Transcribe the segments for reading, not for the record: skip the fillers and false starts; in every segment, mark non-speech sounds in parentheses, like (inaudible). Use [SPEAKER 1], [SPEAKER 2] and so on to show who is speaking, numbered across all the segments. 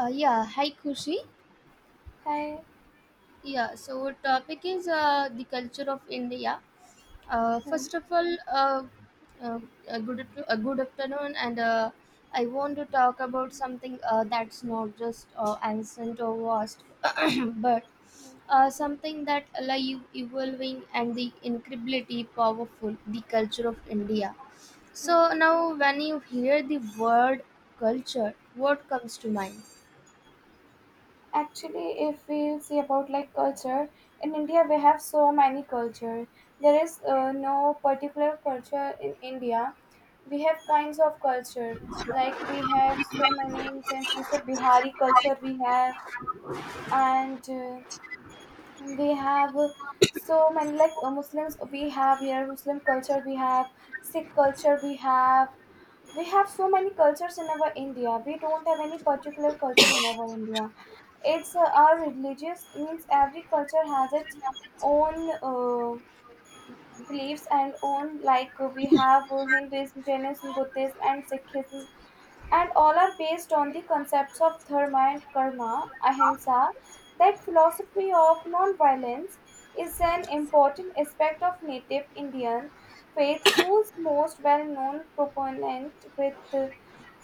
[SPEAKER 1] Yeah, hi Kushi.
[SPEAKER 2] Hi.
[SPEAKER 1] Yeah, so our topic is the culture of India. Uh,
[SPEAKER 2] Hmm.
[SPEAKER 1] first of all, uh, uh, a good afternoon, and I want to talk about something that's not just ancient or vast, (clears throat) but
[SPEAKER 2] Hmm.
[SPEAKER 1] something that alive, evolving, and the incredibly powerful. The culture of India. So
[SPEAKER 2] Hmm.
[SPEAKER 1] now, when you hear the word culture, what comes to mind?
[SPEAKER 2] Actually, if we see about like culture in India, we have so many culture. There is no particular culture in India. We have kinds of culture. Like we have so many. Since we say Bihari culture, and uh, we have so many like Muslims. We have here Muslim culture. We have Sikh culture. We have so many cultures in our India. We don't have any particular culture in our India. It's our religious means every culture has its own beliefs and own like we have Hinduism, Jainism, Buddhism, and Sikhism, and all are based on the concepts of dharma and karma, ahimsa. That philosophy of non-violence is an important aspect of native Indian faith, whose most well-known proponent with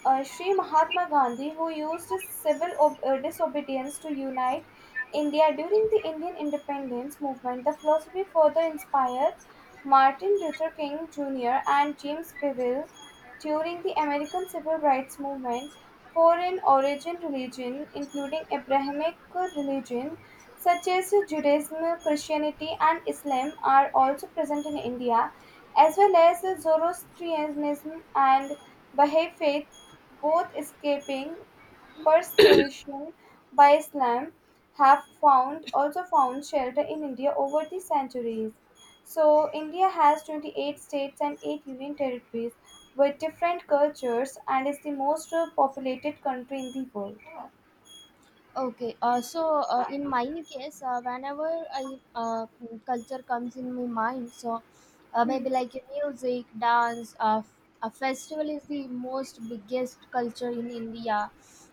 [SPEAKER 2] Sri Mahatma Gandhi, who used his civil disobedience to unite India during the Indian independence movement. The philosophy further inspired Martin Luther King Jr. and James Bevel during the American Civil Rights Movement, foreign origin religion, including Abrahamic religion such as Judaism, Christianity, and Islam, are also present in India, as well as Zoroastrianism and Baha'i faith, both escaping persecution by Islam, have found also found shelter in India over the centuries. So, India has 28 states and 8 union territories with different cultures and is the most populated country in the world.
[SPEAKER 1] Okay, in my case, whenever I culture comes in my mind, so
[SPEAKER 2] Hmm.
[SPEAKER 1] maybe like music, dance, a festival is the most biggest culture in India.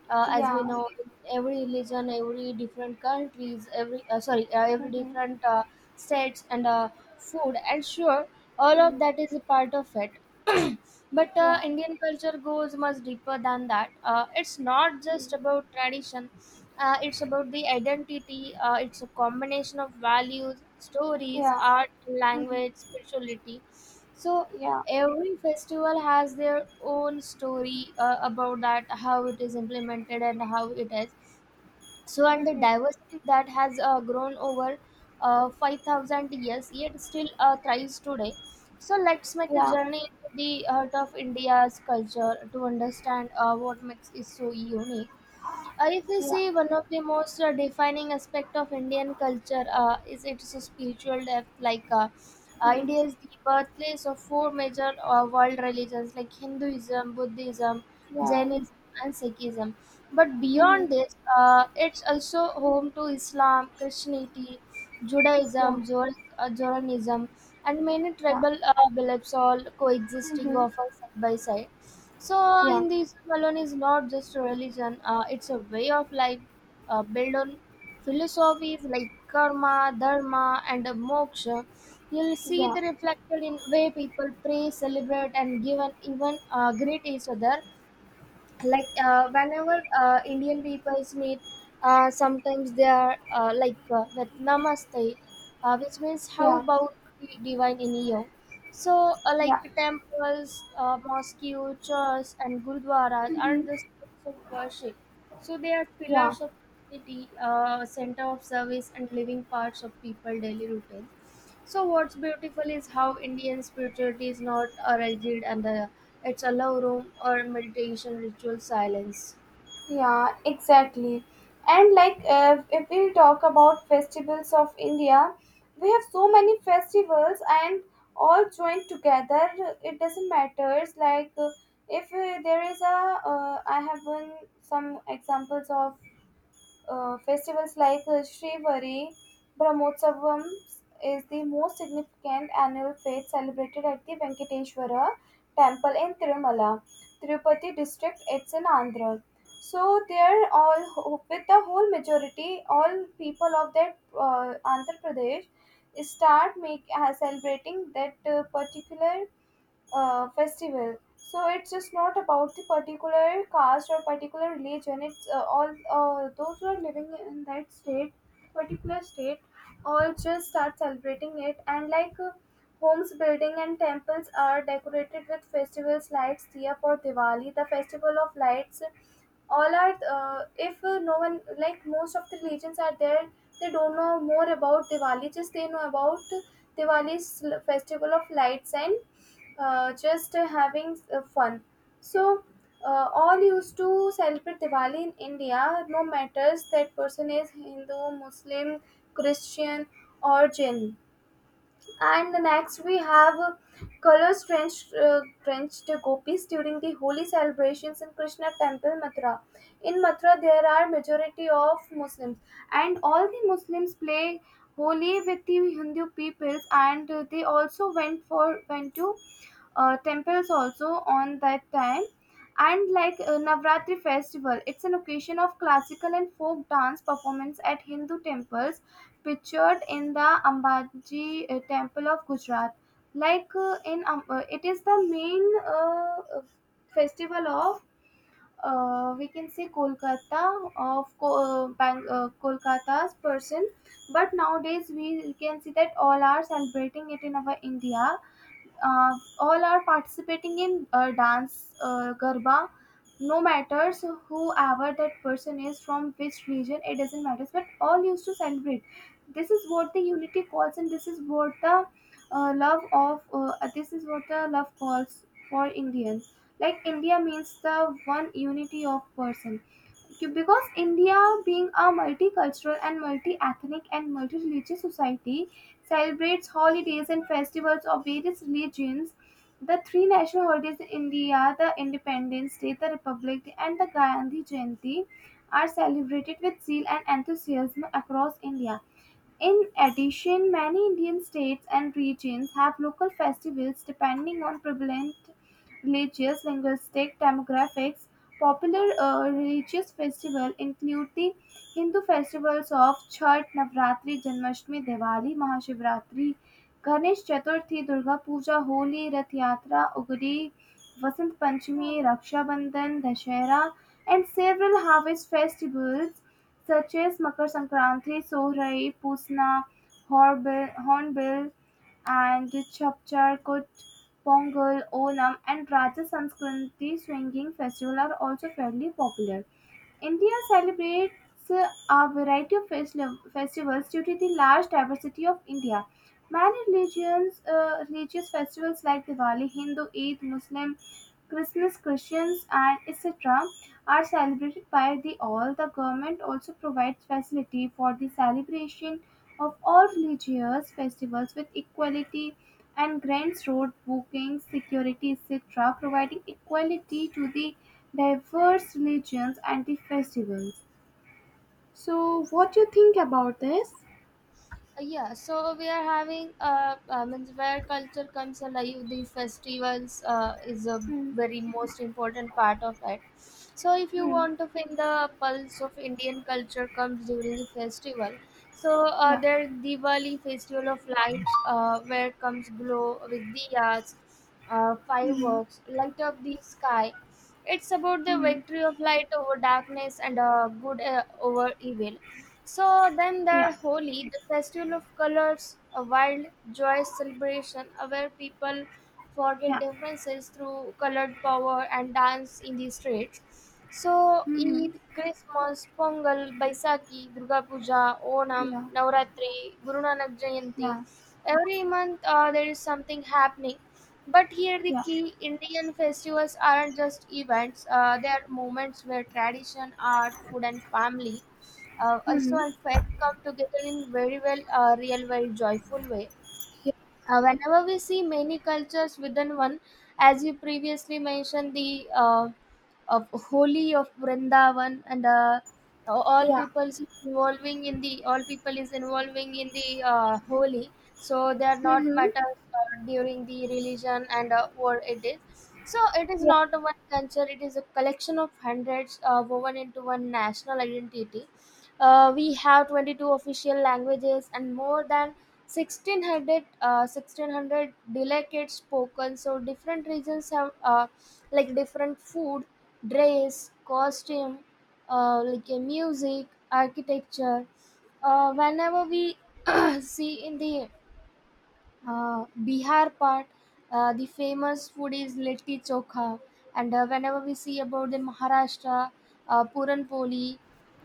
[SPEAKER 1] As
[SPEAKER 2] Yeah.
[SPEAKER 1] we know, in every religion, every different countries, every
[SPEAKER 2] Mm-hmm.
[SPEAKER 1] different states and food, and sure, all of
[SPEAKER 2] Mm.
[SPEAKER 1] that is a part of it. (clears throat) But
[SPEAKER 2] Yeah.
[SPEAKER 1] Indian culture goes much deeper than that. It's not just
[SPEAKER 2] Mm.
[SPEAKER 1] about tradition it's about the identity. It's a combination of values, stories,
[SPEAKER 2] Yeah.
[SPEAKER 1] art,
[SPEAKER 2] Mm-hmm.
[SPEAKER 1] language, spirituality. So
[SPEAKER 2] Yeah.
[SPEAKER 1] every festival has their own story about that, how it is implemented and how it is. So and the
[SPEAKER 2] Mm-hmm.
[SPEAKER 1] diversity that has grown over 5,000 years, yet still thrives today. So let's make a
[SPEAKER 2] Yeah.
[SPEAKER 1] journey into the heart of India's culture to understand what makes it so unique. If we
[SPEAKER 2] Yeah.
[SPEAKER 1] see one of the most defining aspect of Indian culture is its spiritual depth.
[SPEAKER 2] Mm.
[SPEAKER 1] India is the birthplace of four major world religions like Hinduism, Buddhism,
[SPEAKER 2] Yeah.
[SPEAKER 1] Jainism, and Sikhism. But
[SPEAKER 2] Mm-hmm.
[SPEAKER 1] beyond this, it's also home to Islam, Christianity,
[SPEAKER 2] Yeah.
[SPEAKER 1] Judaism, Zoroastrianism, and many
[SPEAKER 2] Yeah.
[SPEAKER 1] tribal beliefs all coexisting
[SPEAKER 2] Mm-hmm.
[SPEAKER 1] often side by side. So,
[SPEAKER 2] Yeah.
[SPEAKER 1] Hinduism alone is not just a religion, it's a way of life built on philosophies like karma, dharma, and moksha. You'll see
[SPEAKER 2] Yeah.
[SPEAKER 1] the reflected in way people pray, celebrate, and give an even greet each other. Like whenever Indian peoples meet, sometimes they are like with namaste, which means how
[SPEAKER 2] Yeah.
[SPEAKER 1] about the divine in you. So,
[SPEAKER 2] Yeah.
[SPEAKER 1] like temples, mosques, churches, and gurudwaras aren't
[SPEAKER 2] Mm-hmm.
[SPEAKER 1] just places of worship. So, they are
[SPEAKER 2] Yeah.
[SPEAKER 1] pillars of community, center of service, and living parts of people daily routine. So, what's beautiful is how Indian spirituality is not rigid and it's a love room or meditation, ritual silence.
[SPEAKER 2] Yeah, exactly. And like if we talk about festivals of India, we have so many festivals and all joined together. It doesn't matter. It's like if there is a, some examples of festivals like Shrivari Brahmotsavam is the most significant annual fete celebrated at the Venkateshwara temple in Tirumala, Tirupati district. It's in Andhra. So there, with the whole majority, all people of that Andhra Pradesh start make celebrating that particular festival. So it's just not about the particular caste or particular religion. It's all those who are living in that state, particular state, all just start celebrating it. And like homes, building, and temples are decorated with festivals, lights, Diya for Diwali, the festival of lights, all are if no one like most of the religions are there. They don't know more about Diwali. Just they know about Diwali's festival of lights, and just having fun. So all used to celebrate Diwali in India. No matters that person is Hindu, Muslim, Christian, or Jain. And the next we have color drenched gopis during the holy celebrations in Krishna temple Mathura. In Mathura there are majority of Muslims, and all the Muslims play holy with the Hindu peoples, and they also went to temples also on that time. And like Navratri festival, it's an occasion of classical and folk dance performance at Hindu temples, pictured in the Ambaji temple of Gujarat. Like it is the main uh, uh, festival of we can say Kolkata of Kolkata's person, but nowadays we can see that all are celebrating it in our India. uh, all are participating in dance garba, no matters whoever that person is from which region. It doesn't matter, but all used to celebrate. This is what the unity calls, and this is what the love of this is what the love calls for Indians. Like India means the one unity of person, because India, being a multicultural and multi ethnic and multi religious society, celebrates holidays and festivals of various religions. The three national holidays in India, the Independence Day, the Republic Day, and the Gandhi Jayanti, are celebrated with zeal and enthusiasm across India. In addition, many Indian states and regions have local festivals depending on prevalent religious, linguistic, demographics. Popular religious festivals include the Hindu festivals of Chhath, Navratri, Janmashtami, Diwali, Mahashivratri, Ganesh Chaturthi, Durga Puja, Holi, Rath Yatra, Ugadi, Vasant Panchami, Raksha Bandhan, Dashera, and several harvest festivals such as Makar Sankranti, Sohrai, Pusna, Horbil, Hornbill, and Chapchar Kut, Pongal, Onam, and Raja Sanskriti swinging festival are also fairly popular. India celebrates a variety of festivals due to the large diversity of India. Many religious festivals like Diwali, Hindu Eid, Muslim, Christmas, Christians, and etc., are celebrated by the all. The government also provides facility for the celebration of all religious festivals with equality and grants road bookings, security, etc., providing equality to the diverse religions and the festivals. So, what do you think about this?
[SPEAKER 1] Yeah, so we are having means where culture comes alive. The festivals is a
[SPEAKER 2] Hmm.
[SPEAKER 1] very most important part of it. So if you
[SPEAKER 2] Hmm.
[SPEAKER 1] want to feel the pulse of Indian culture comes during the festival. So
[SPEAKER 2] Yeah.
[SPEAKER 1] there Diwali festival of lights, where comes glow with diyas,
[SPEAKER 2] Hmm.
[SPEAKER 1] fireworks, light up the sky. It's about the
[SPEAKER 2] Mhm.
[SPEAKER 1] victory of light over darkness and good over evil, so then there
[SPEAKER 2] Yeah.
[SPEAKER 1] Holi, the festival of colors, a wild, joyous celebration where people forget
[SPEAKER 2] Yeah.
[SPEAKER 1] differences through colored power and dance in the streets. So
[SPEAKER 2] Mhm.
[SPEAKER 1] Eid, Christmas, Pongal, Baisakhi, Durga Puja, Onam,
[SPEAKER 2] Yeah.
[SPEAKER 1] Navratri, Guru Nanak Jayanti.
[SPEAKER 2] Yeah.
[SPEAKER 1] Every month there is something happening. But here the
[SPEAKER 2] Yeah.
[SPEAKER 1] key Indian festivals aren't just events, they are moments where tradition, art, food, and family also,
[SPEAKER 2] Mhm.
[SPEAKER 1] our facts come together in very well, real, very joyful way.
[SPEAKER 2] Yeah.
[SPEAKER 1] Whenever we see many cultures within one, as you previously mentioned, the of Holi of Vrindavan and
[SPEAKER 2] Yeah.
[SPEAKER 1] all people is involving in the Holi, so they are not
[SPEAKER 2] Mhm.
[SPEAKER 1] matters during the religion and what it is. So it is
[SPEAKER 2] Yeah.
[SPEAKER 1] not a one culture; it is a collection of hundreds woven into one national identity. We have 22 official languages and more than 1600 delicate spoken, so different regions have like different food, dress, costume, like a music, architecture. Whenever we (clears throat) see in the Bihar part, the famous food is litti chokha. And whenever we see about the Maharashtra, Puran poli,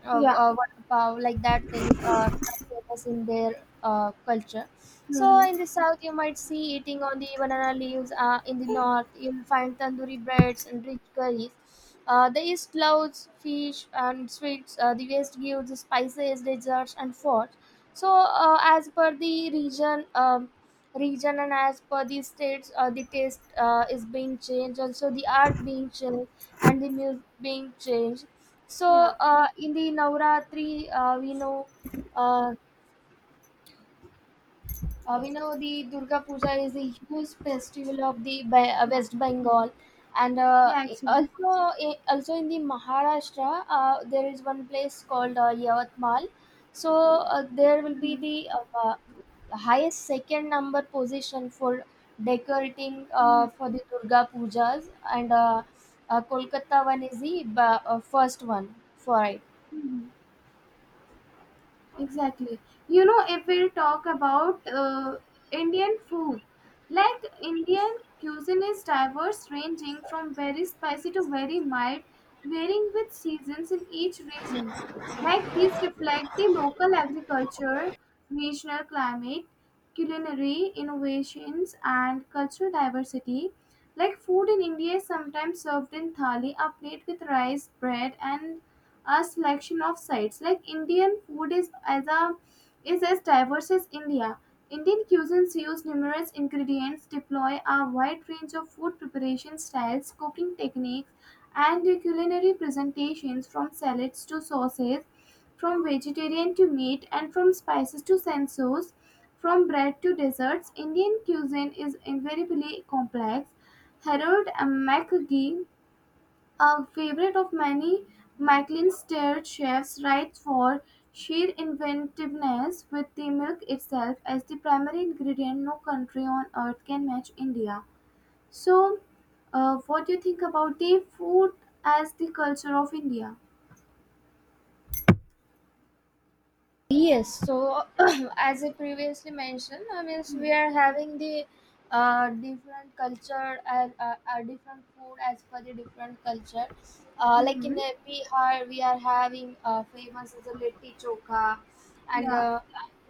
[SPEAKER 2] Yeah.
[SPEAKER 1] vada pav, like that things are famous in their culture. So
[SPEAKER 2] Mhm.
[SPEAKER 1] in the south, you might see eating on the banana leaves. In the north, you'll find tandoori breads and rich curries. The east loves fish and sweets. The west gives spices, desserts, and forts. So, as per the region, region and as per the states, the taste is being changed, also the art being changed and the music being changed. So
[SPEAKER 2] Yeah.
[SPEAKER 1] in the navratri uh, we know the Durga Puja is a huge festival of the
[SPEAKER 2] Yeah.
[SPEAKER 1] West Bengal, and
[SPEAKER 2] Yeah. Actually.
[SPEAKER 1] also in the Maharashtra, there is one place called Yavatmal. So there will be the highest second number position for decorating
[SPEAKER 2] Mhm.
[SPEAKER 1] for the Durga Pujas, and Kolkata one is the first one for it.
[SPEAKER 2] Exactly. If we'll talk about Indian food, like Indian cuisine is diverse, ranging from very spicy to very mild, varying with seasons in each region. Like these reflect the local agriculture, regional climate, culinary innovations, and cultural diversity. Like food in India is sometimes served in thali, a plate with rice, bread, and a selection of sites. Like Indian food is as diverse as India. Indian cuisines use numerous ingredients, deploy a wide range of food preparation styles, cooking techniques, and culinary presentations, from salads to sauces, from vegetarian to meat, and from spices to sensors, from bread to desserts. Indian cuisine is invariably complex. Harold McGee, a favorite of many Michelin-starred chefs, rides for sheer inventiveness with the milk itself as the primary ingredient. No country on earth can match India. So, what do you think about the food as the culture of India?
[SPEAKER 1] Yes, so (clears throat) as I previously mentioned, I mean, so we are having the different culture and different food as per the different culture. Like
[SPEAKER 2] Mm-hmm.
[SPEAKER 1] in Bihar, we are having famous as a litti chokha, and
[SPEAKER 2] Yeah,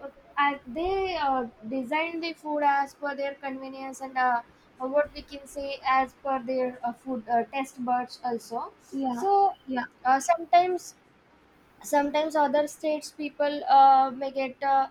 [SPEAKER 1] uh, they design the food as per their convenience and what we can say as per their food test buds also.
[SPEAKER 2] yeah,
[SPEAKER 1] So
[SPEAKER 2] yeah.
[SPEAKER 1] sometimes sometimes other states people may get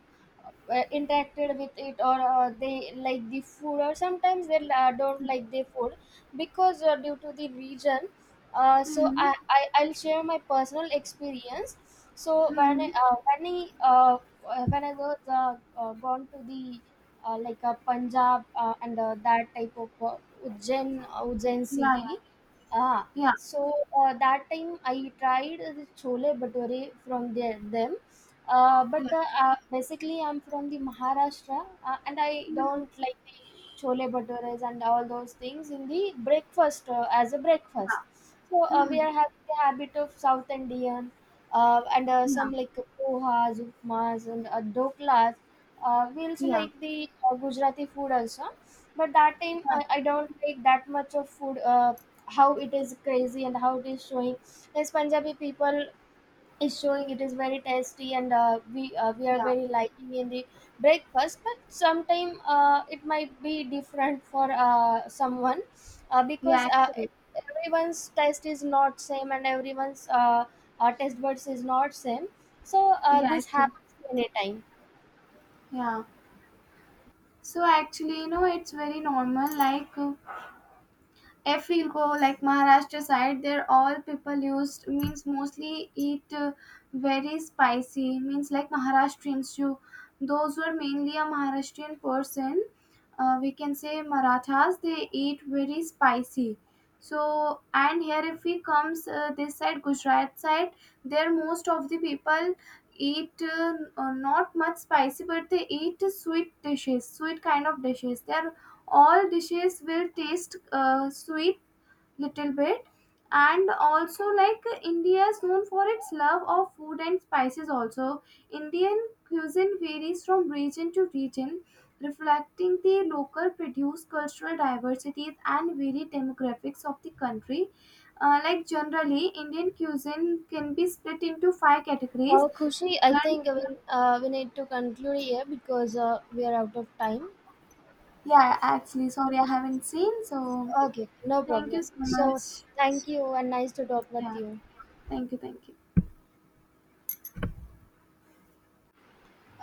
[SPEAKER 1] interacted with it or they like the food or sometimes they don't like the food because due to the region. uh, so
[SPEAKER 2] Mm-hmm.
[SPEAKER 1] I, I I'll share my personal experience. so when
[SPEAKER 2] Mm-hmm.
[SPEAKER 1] i uh, when i uh, when I was gone to the like Punjab, and that type of Ujjain
[SPEAKER 2] Yeah,
[SPEAKER 1] city, ah.
[SPEAKER 2] yeah,
[SPEAKER 1] So that time I tried the chole bhature from them,
[SPEAKER 2] yeah, yeah,
[SPEAKER 1] but basically I'm from the Maharashtra, and I don't like the chole bhatures and all those things in the breakfast as a breakfast.
[SPEAKER 2] yeah.
[SPEAKER 1] So we
[SPEAKER 2] Mm-hmm.
[SPEAKER 1] are having the habit of South Indian, and
[SPEAKER 2] Yeah,
[SPEAKER 1] some like pohas, upmas, and doklas. We also
[SPEAKER 2] yeah,
[SPEAKER 1] like the Gujarati food also, but that time
[SPEAKER 2] yeah,
[SPEAKER 1] I don't like that much of food. How it is crazy and how it is showing as Punjabi people is showing it is very tasty, and we are
[SPEAKER 2] yeah,
[SPEAKER 1] very liking in the breakfast, but sometime it might be different for someone uh,
[SPEAKER 2] yeah,
[SPEAKER 1] because uh,
[SPEAKER 2] actually,
[SPEAKER 1] everyone's taste is not same and everyone's taste buds is not same. So
[SPEAKER 2] yeah,
[SPEAKER 1] this
[SPEAKER 2] actually,
[SPEAKER 1] happens many time.
[SPEAKER 2] yeah. So actually, it's very normal. Like if we go like Maharashtra side, there all people used means mostly eat very spicy, means like Maharashtrians, you those were mainly a Maharashtrian person. We can say Marathas, they eat very spicy. So and here if we comes this side Gujarat side, there most of the people eat not much spicy, but they eat sweet kind of dishes. They are all dishes, will taste sweet, little bit. And also like India is known for its love of food and spices also. Indian cuisine varies from region to region, reflecting the local produce, cultural diversities, and varied demographics of the country. Like generally Indian cuisine can be split into five categories
[SPEAKER 1] Well, Kushi, I
[SPEAKER 2] and
[SPEAKER 1] think we need to conclude here because we are out of time.
[SPEAKER 2] yeah, actually sorry, I haven't seen, so
[SPEAKER 1] Okay, no
[SPEAKER 2] thank
[SPEAKER 1] problem.
[SPEAKER 2] you so
[SPEAKER 1] So,
[SPEAKER 2] much.
[SPEAKER 1] thank you and nice to talk with
[SPEAKER 2] Yeah.
[SPEAKER 1] you.
[SPEAKER 2] Thank you. Thank you.